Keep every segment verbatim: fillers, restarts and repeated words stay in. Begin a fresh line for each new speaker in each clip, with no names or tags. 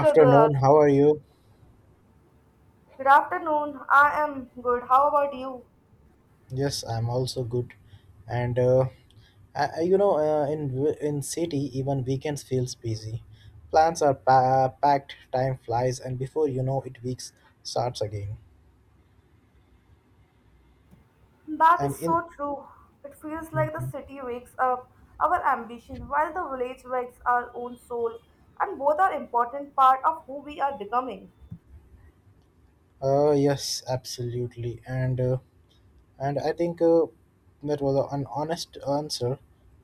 Good, uh,
how are you?
good afternoon. I am good. How about you?
Yes, I'm also good. And uh, I, I- you know uh, In w- in city, even weekends feels busy. Plans are pa- packed, time flies, and before you know it, weeks starts again.
That
And
is
in.
so true. It feels like the
Mhm.
city wakes up our ambition while the village wakes our own soul, and both are important part of who we are becoming.
Uh yes, absolutely, and uh, and I think uh, that was an honest answer.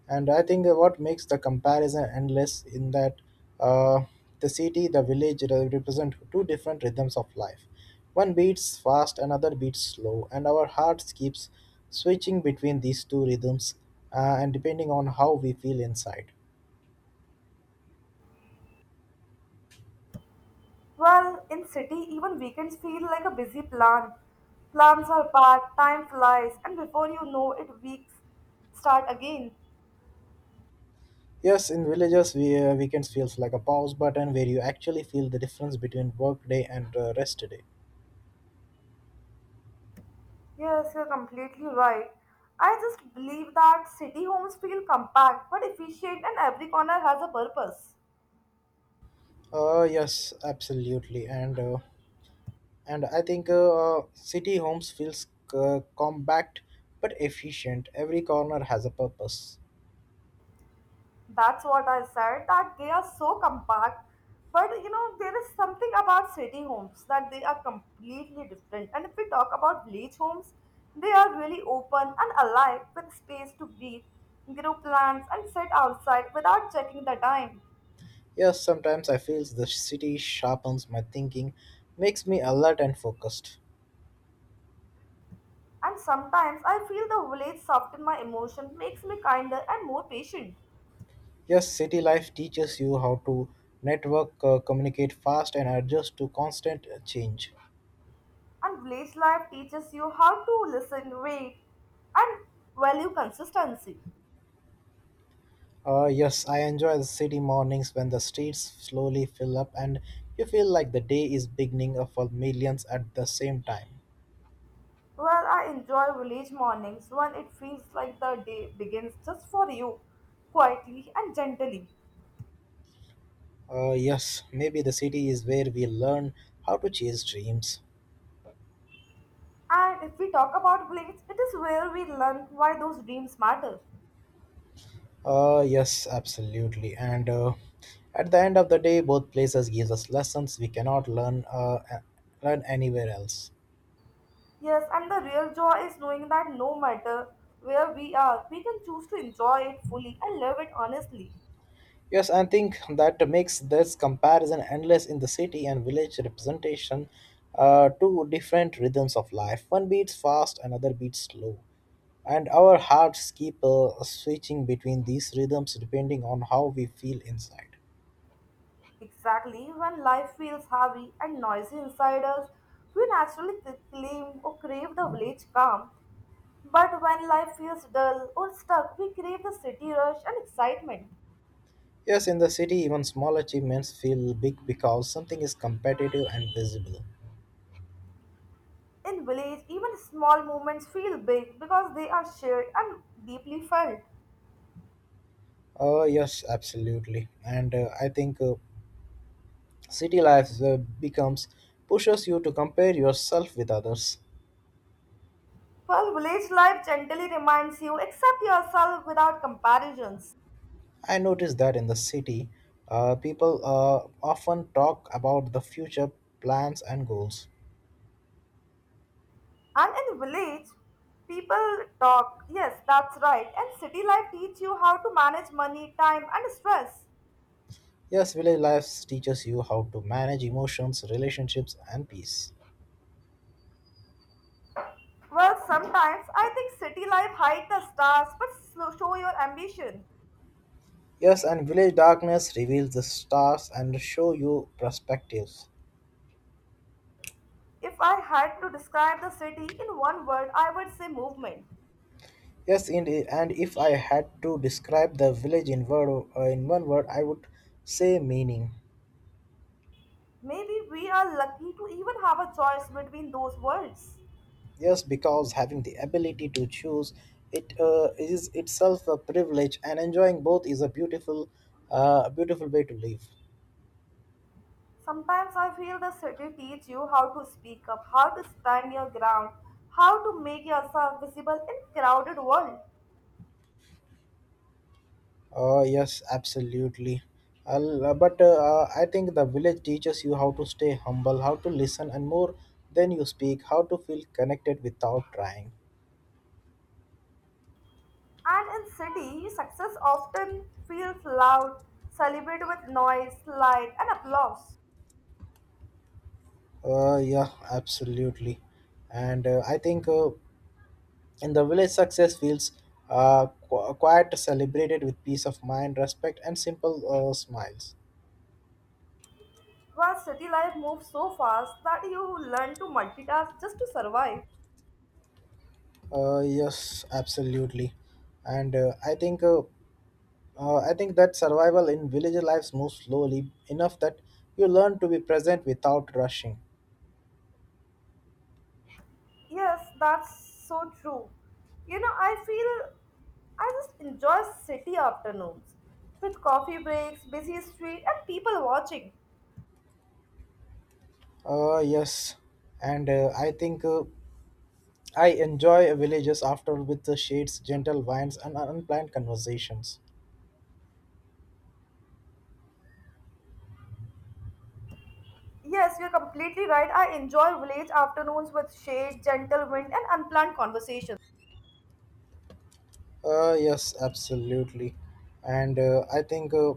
And I think uh, what makes the comparison endless in that uh, the city, the village re- represent two different rhythms of life. One beats fast, another beats slow, and our hearts keeps switching between these two rhythms, uh, and depending on how we feel inside.
Well, in city, even weekends feel like a busy plan. Plans are packed, time flies, and before you know it, weeks start again.
Yes, in villages we, uh, weekends feels like a pause button where you actually feel the difference between work day and uh, rest day.
Yes, you're completely right. I just believe that city homes feel compact but efficient and every corner has a purpose.
Uh, yes, absolutely, and uh, and I think uh, city homes feels uh, compact but efficient, every corner has a purpose.
That's what I said, that they are so compact. But you know, there is something about city homes that they are completely different. And if we talk about village homes, they are really open and alive with space to breathe, grow plants, and sit outside without checking the time.
Yes, sometimes I feel the city sharpens my thinking, makes me alert and focused.
And sometimes I feel the village soften my emotion, makes me kinder and more patient.
Yes, city life teaches you how to network, uh, communicate fast, and adjust to constant uh, change.
And village life teaches you how to listen, wait, and value consistency.
Uh, yes, I enjoy the city mornings when the streets slowly fill up and you feel like the day is beginning uh, for millions at the same time.
Well, I enjoy village mornings when it feels like the day begins just for you, quietly and gently.
Uh, yes, maybe the city is where we learn how to chase dreams.
And if we talk about village, it is where we learn why those dreams matter.
Uh, yes, absolutely. And uh, At the end of the day, both places gives us lessons we cannot learn uh, a- learn anywhere else.
Yes, and the real joy is knowing that no matter where we are, we can choose to enjoy it fully and live it honestly.
Yes, I think that makes this comparison endless in the city and village representation. Uh, two different rhythms of life. One beats fast, another beats slow, and our hearts keep uh, switching between these rhythms depending on how we feel inside.
Exactly, when life feels heavy and noisy inside us, we naturally c- claim or crave the village calm. But when life feels dull or stuck, we crave the city rush and excitement.
Yes, in the city, even small achievements feel big because something is competitive and visible.
In village, even small moments feel big because they are shared and deeply felt.
Uh, yes, absolutely. And uh, I think uh, City life uh, becomes pushes you to compare yourself with others.
While village life gently reminds you, accept yourself without comparisons.
I noticed that in the city, uh, people uh, often talk about the future plans and goals.
And in village, people talk. Yes, that's right. And city life teach you how to manage money, time, and stress.
Yes, village life teaches you how to manage emotions, relationships, and peace.
Well, sometimes I think city life hides the stars but slow- show your ambition.
Yes, and village darkness reveals the stars and show you perspectives.
If I had to describe the city in one word, I would say movement.
Yes, indeed. And if I had to describe the village in word, uh, in one word, I would say meaning.
Maybe we are lucky to even have a choice between those words.
Yes, because having the ability to choose it uh, is itself a privilege, and enjoying both is a beautiful, uh, a beautiful way to live.
Sometimes I feel the city teaches you how to speak up, how to stand your ground, how to make yourself visible in crowded world.
Uh, yes, absolutely. I'll, uh, but uh, uh, I think the village teaches you how to stay humble, how to listen, and more than you speak, how to feel connected without trying.
And in city, success often feels loud, celebrated with noise, light, and applause.
Uh, yeah, absolutely. And uh, I think. Uh, In the village, success feels uh, qu- quite celebrated with peace of mind, respect, and simple uh, smiles.
Well, city life moves so fast that you learn to multitask just to survive.
Uh, yes, absolutely, and uh, I think uh, uh, I think that survival in village lives moves slowly enough that you learn to be present without rushing.
Yes, that's so true. You know, I feel I just enjoy city afternoons with coffee breaks, busy street, and people watching.
Uh, yes, and uh, I think uh, I enjoy villages after with the shades, gentle winds, and unplanned conversations.
Yes, you're completely right. I enjoy village afternoons with shade, gentle wind, and unplanned conversations.
Uh, yes, absolutely, and uh, I think. Uh,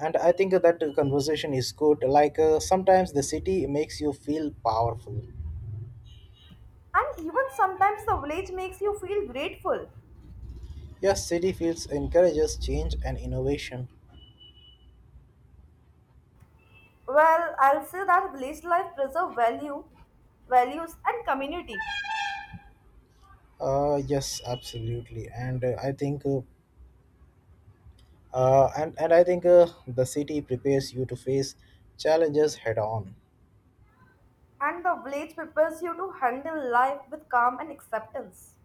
and I think that conversation is good, like uh, sometimes the city makes you feel powerful.
And even sometimes the village makes you feel grateful.
Yes, city feels encourages change and innovation.
Well, I'll say that village life preserve value, values, and community.
Uh, yes, absolutely, and uh, I think uh, uh, and, and I think uh, the city prepares you to face challenges head on.
And the village prepares you to handle life with calm and acceptance.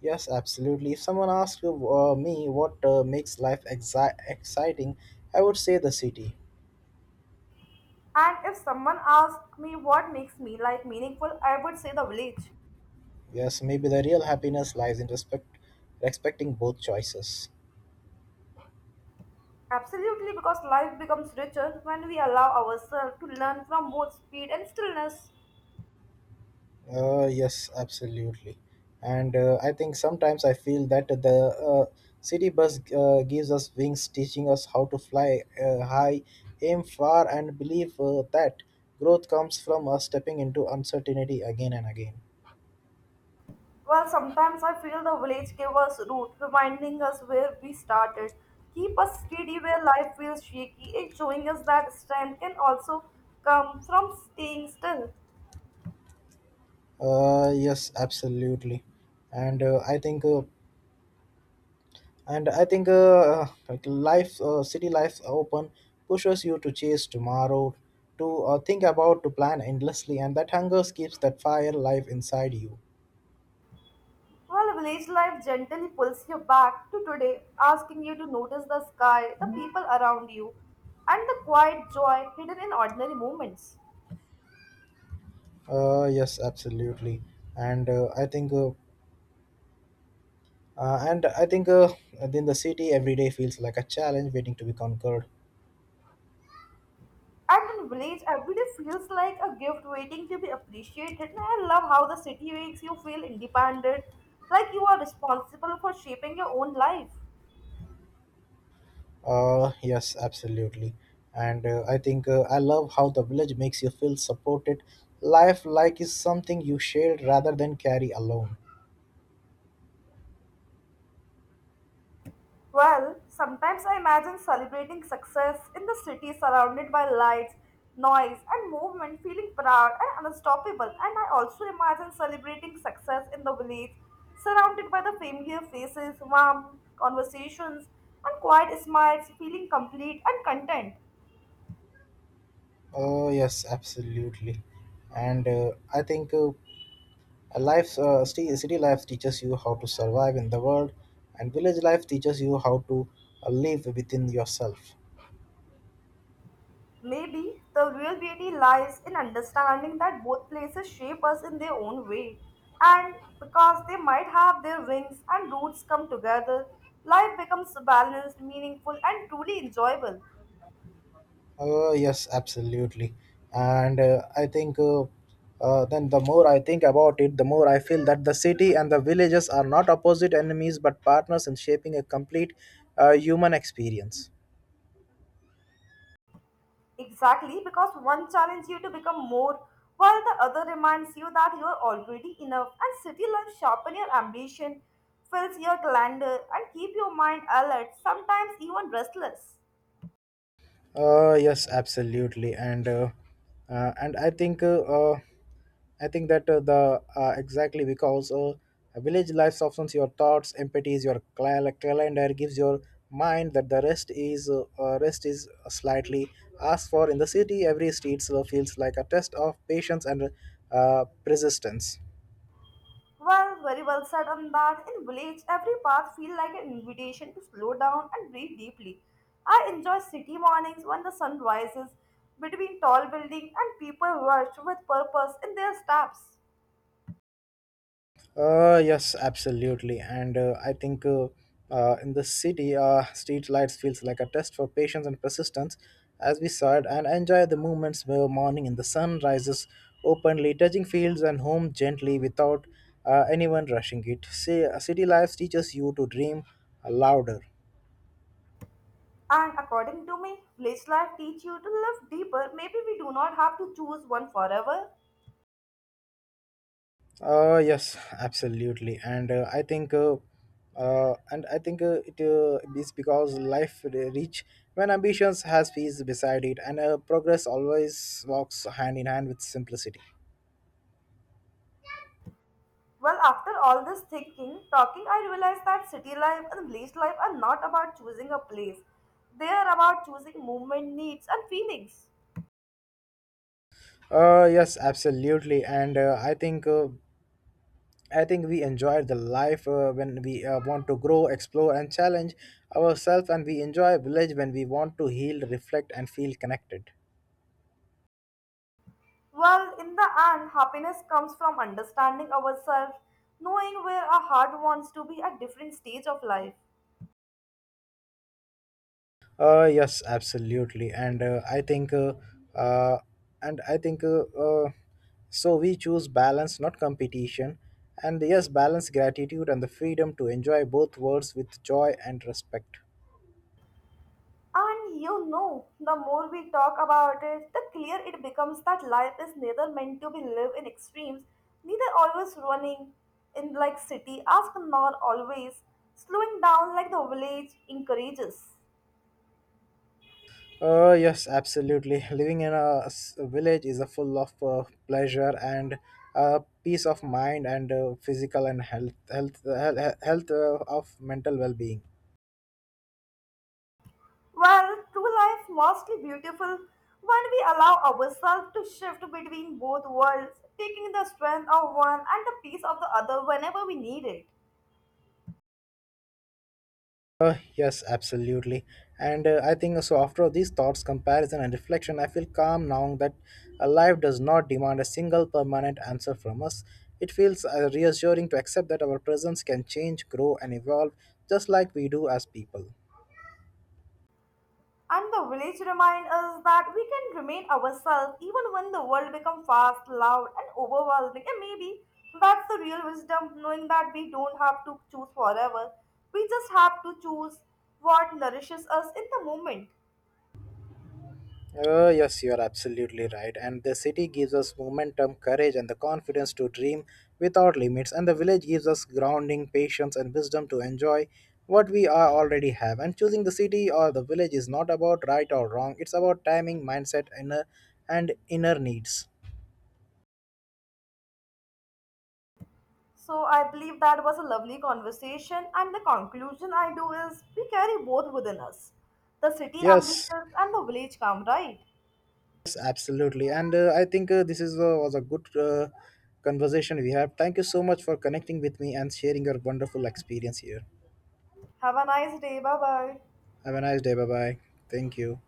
Yes, absolutely. If someone asks you, uh, me what uh, makes life exi- exciting, I would say the city.
And if someone asked me what makes me life meaningful, I would say the village.
Yes, maybe the real happiness lies in respect, respecting both choices.
Absolutely, because life becomes richer when we allow ourselves to learn from both speed and stillness.
Uh, yes, absolutely. And uh, I think sometimes I feel that the uh, city bus uh, gives us wings, teaching us how to fly uh, high, aim far, and believe uh, that growth comes from us stepping into uncertainty again and again.
Well, sometimes I feel the village gave us root, reminding us where we started. Keep us steady where life feels shaky, and showing us that strength can also come from staying still.
Uh, yes, absolutely. And uh, I think uh, and I think uh, Like life, uh, city life open pushes you to chase tomorrow, to uh, think about, to plan endlessly, and that hunger keeps that fire life inside you.
While village life gently pulls you back to today, asking you to notice the sky, the people around you, and the quiet joy hidden in ordinary moments.
Uh, yes, absolutely, and uh, I think uh, uh, and I think uh, in the city, every day feels like a challenge waiting to be conquered.
And in village, every day feels like a gift waiting to be appreciated. And I love how the city makes you feel independent, like you are responsible for shaping your own life.
Uh, yes, absolutely, and uh, I think uh, I love how the village makes you feel supported, life like is something you share rather than carry alone.
Well, sometimes I imagine celebrating success in the city surrounded by lights, noise, and movement, feeling proud and unstoppable. And I also imagine celebrating success in the village, surrounded by the familiar faces, warm conversations, and quiet smiles, feeling complete and content.
Uh, yes, absolutely. And uh, I think uh, A life, uh, city, city life teaches you how to survive in the world, and village life teaches you how to uh, live within yourself.
Maybe the real beauty lies in understanding that both places shape us in their own way, and because they might have their wings and roots come together, life becomes balanced, meaningful, and truly enjoyable.
Uh, yes, absolutely. And uh, I think uh, uh, Then the more I think about it, the more I feel that the city and the villages are not opposite enemies but partners in shaping a complete uh, human experience.
Exactly because one challenges you to become more, while the other reminds you that you are already enough, and city life sharpen your ambition, fills your calendar, and keep your mind alert, sometimes even restless.
Uh, yes, absolutely, and uh, uh, and I think uh, uh, I think that uh, the uh, exactly because uh, a village life softens your thoughts, empathy is your cal- calendar, gives your mind that the rest is uh, uh, rest is slightly asked for in the city. Every street slow feels like a test of patience and uh, persistence.
Well, very well said on that. In village, every path feels like an invitation to slow down and breathe deeply. I enjoy city mornings when the sun rises between tall buildings and people rush with purpose in their steps.
Uh, yes, absolutely. And uh, I think uh, uh, In the city, uh, street lights feels like a test for patience and persistence. As we said, and enjoy the moments where morning and the sun rises openly, touching fields and home gently without uh, anyone rushing it. See, uh, city life teaches you to dream louder.
And according to me, village life teach you to live deeper. Maybe we do not have to choose one forever.
Uh, yes, absolutely, and uh, I think, uh, uh, and I think uh, it uh, is because life re- reach when ambitions has peace beside it, and uh, progress always walks hand in hand with simplicity.
Well, after all this thinking, talking, I realized that city life and village life are not about choosing a place. They are about choosing movement, needs, and feelings.
Uh, yes, absolutely, and uh, I think uh, I think we enjoy the life uh, when we uh, want to grow, explore, and challenge ourselves, and we enjoy village when we want to heal, reflect, and feel connected.
Well, in the end, happiness comes from understanding ourselves, knowing where our heart wants to be at different stage of life.
Uh, yes, absolutely, and uh, I think, uh, uh, and I think, uh, uh, so we choose balance, not competition, and yes, balance, gratitude, and the freedom to enjoy both worlds with joy and respect.
And you know, the more we talk about it, the clearer it becomes that life is neither meant to be lived in extremes, neither always running in like city as nor always slowing down like the village encourages.
Uh, yes, absolutely. Living in a s- village is a full of uh, pleasure and uh, peace of mind, and uh, physical and health, health, health, health uh, of mental well-being.
Well, true life mostly beautiful when we allow ourselves to shift between both worlds, taking the strength of one and the peace of the other whenever we need it.
Uh, yes, absolutely. And uh, I think uh, So, after these thoughts, comparison, and reflection, I feel calm now that uh, life does not demand a single permanent answer from us. It feels uh, reassuring to accept that our presence can change, grow, and evolve just like we do as people.
And the village reminds us that we can remain ourselves even when the world becomes fast, loud, and overwhelming. And maybe that's the real wisdom, knowing that we don't have to choose forever. We just have to choose what nourishes us in the moment.
Oh, yes, you are absolutely right. And the city gives us momentum, courage, and the confidence to dream without limits. And the village gives us grounding, patience, and wisdom to enjoy what we are already have. And choosing the city or the village is not about right or wrong, it's about timing, mindset, inner, and inner needs.
So I believe that was a lovely conversation, and the conclusion I do is we carry both within us the city
Yes,
ambitions and the village calm, right?
yes, absolutely. And uh, I think uh, This is uh, was a good uh, conversation we have. Thank you so much for connecting with me and sharing your wonderful experience here.
Have a nice day. Bye bye.
Have a nice day. Bye bye. Thank you.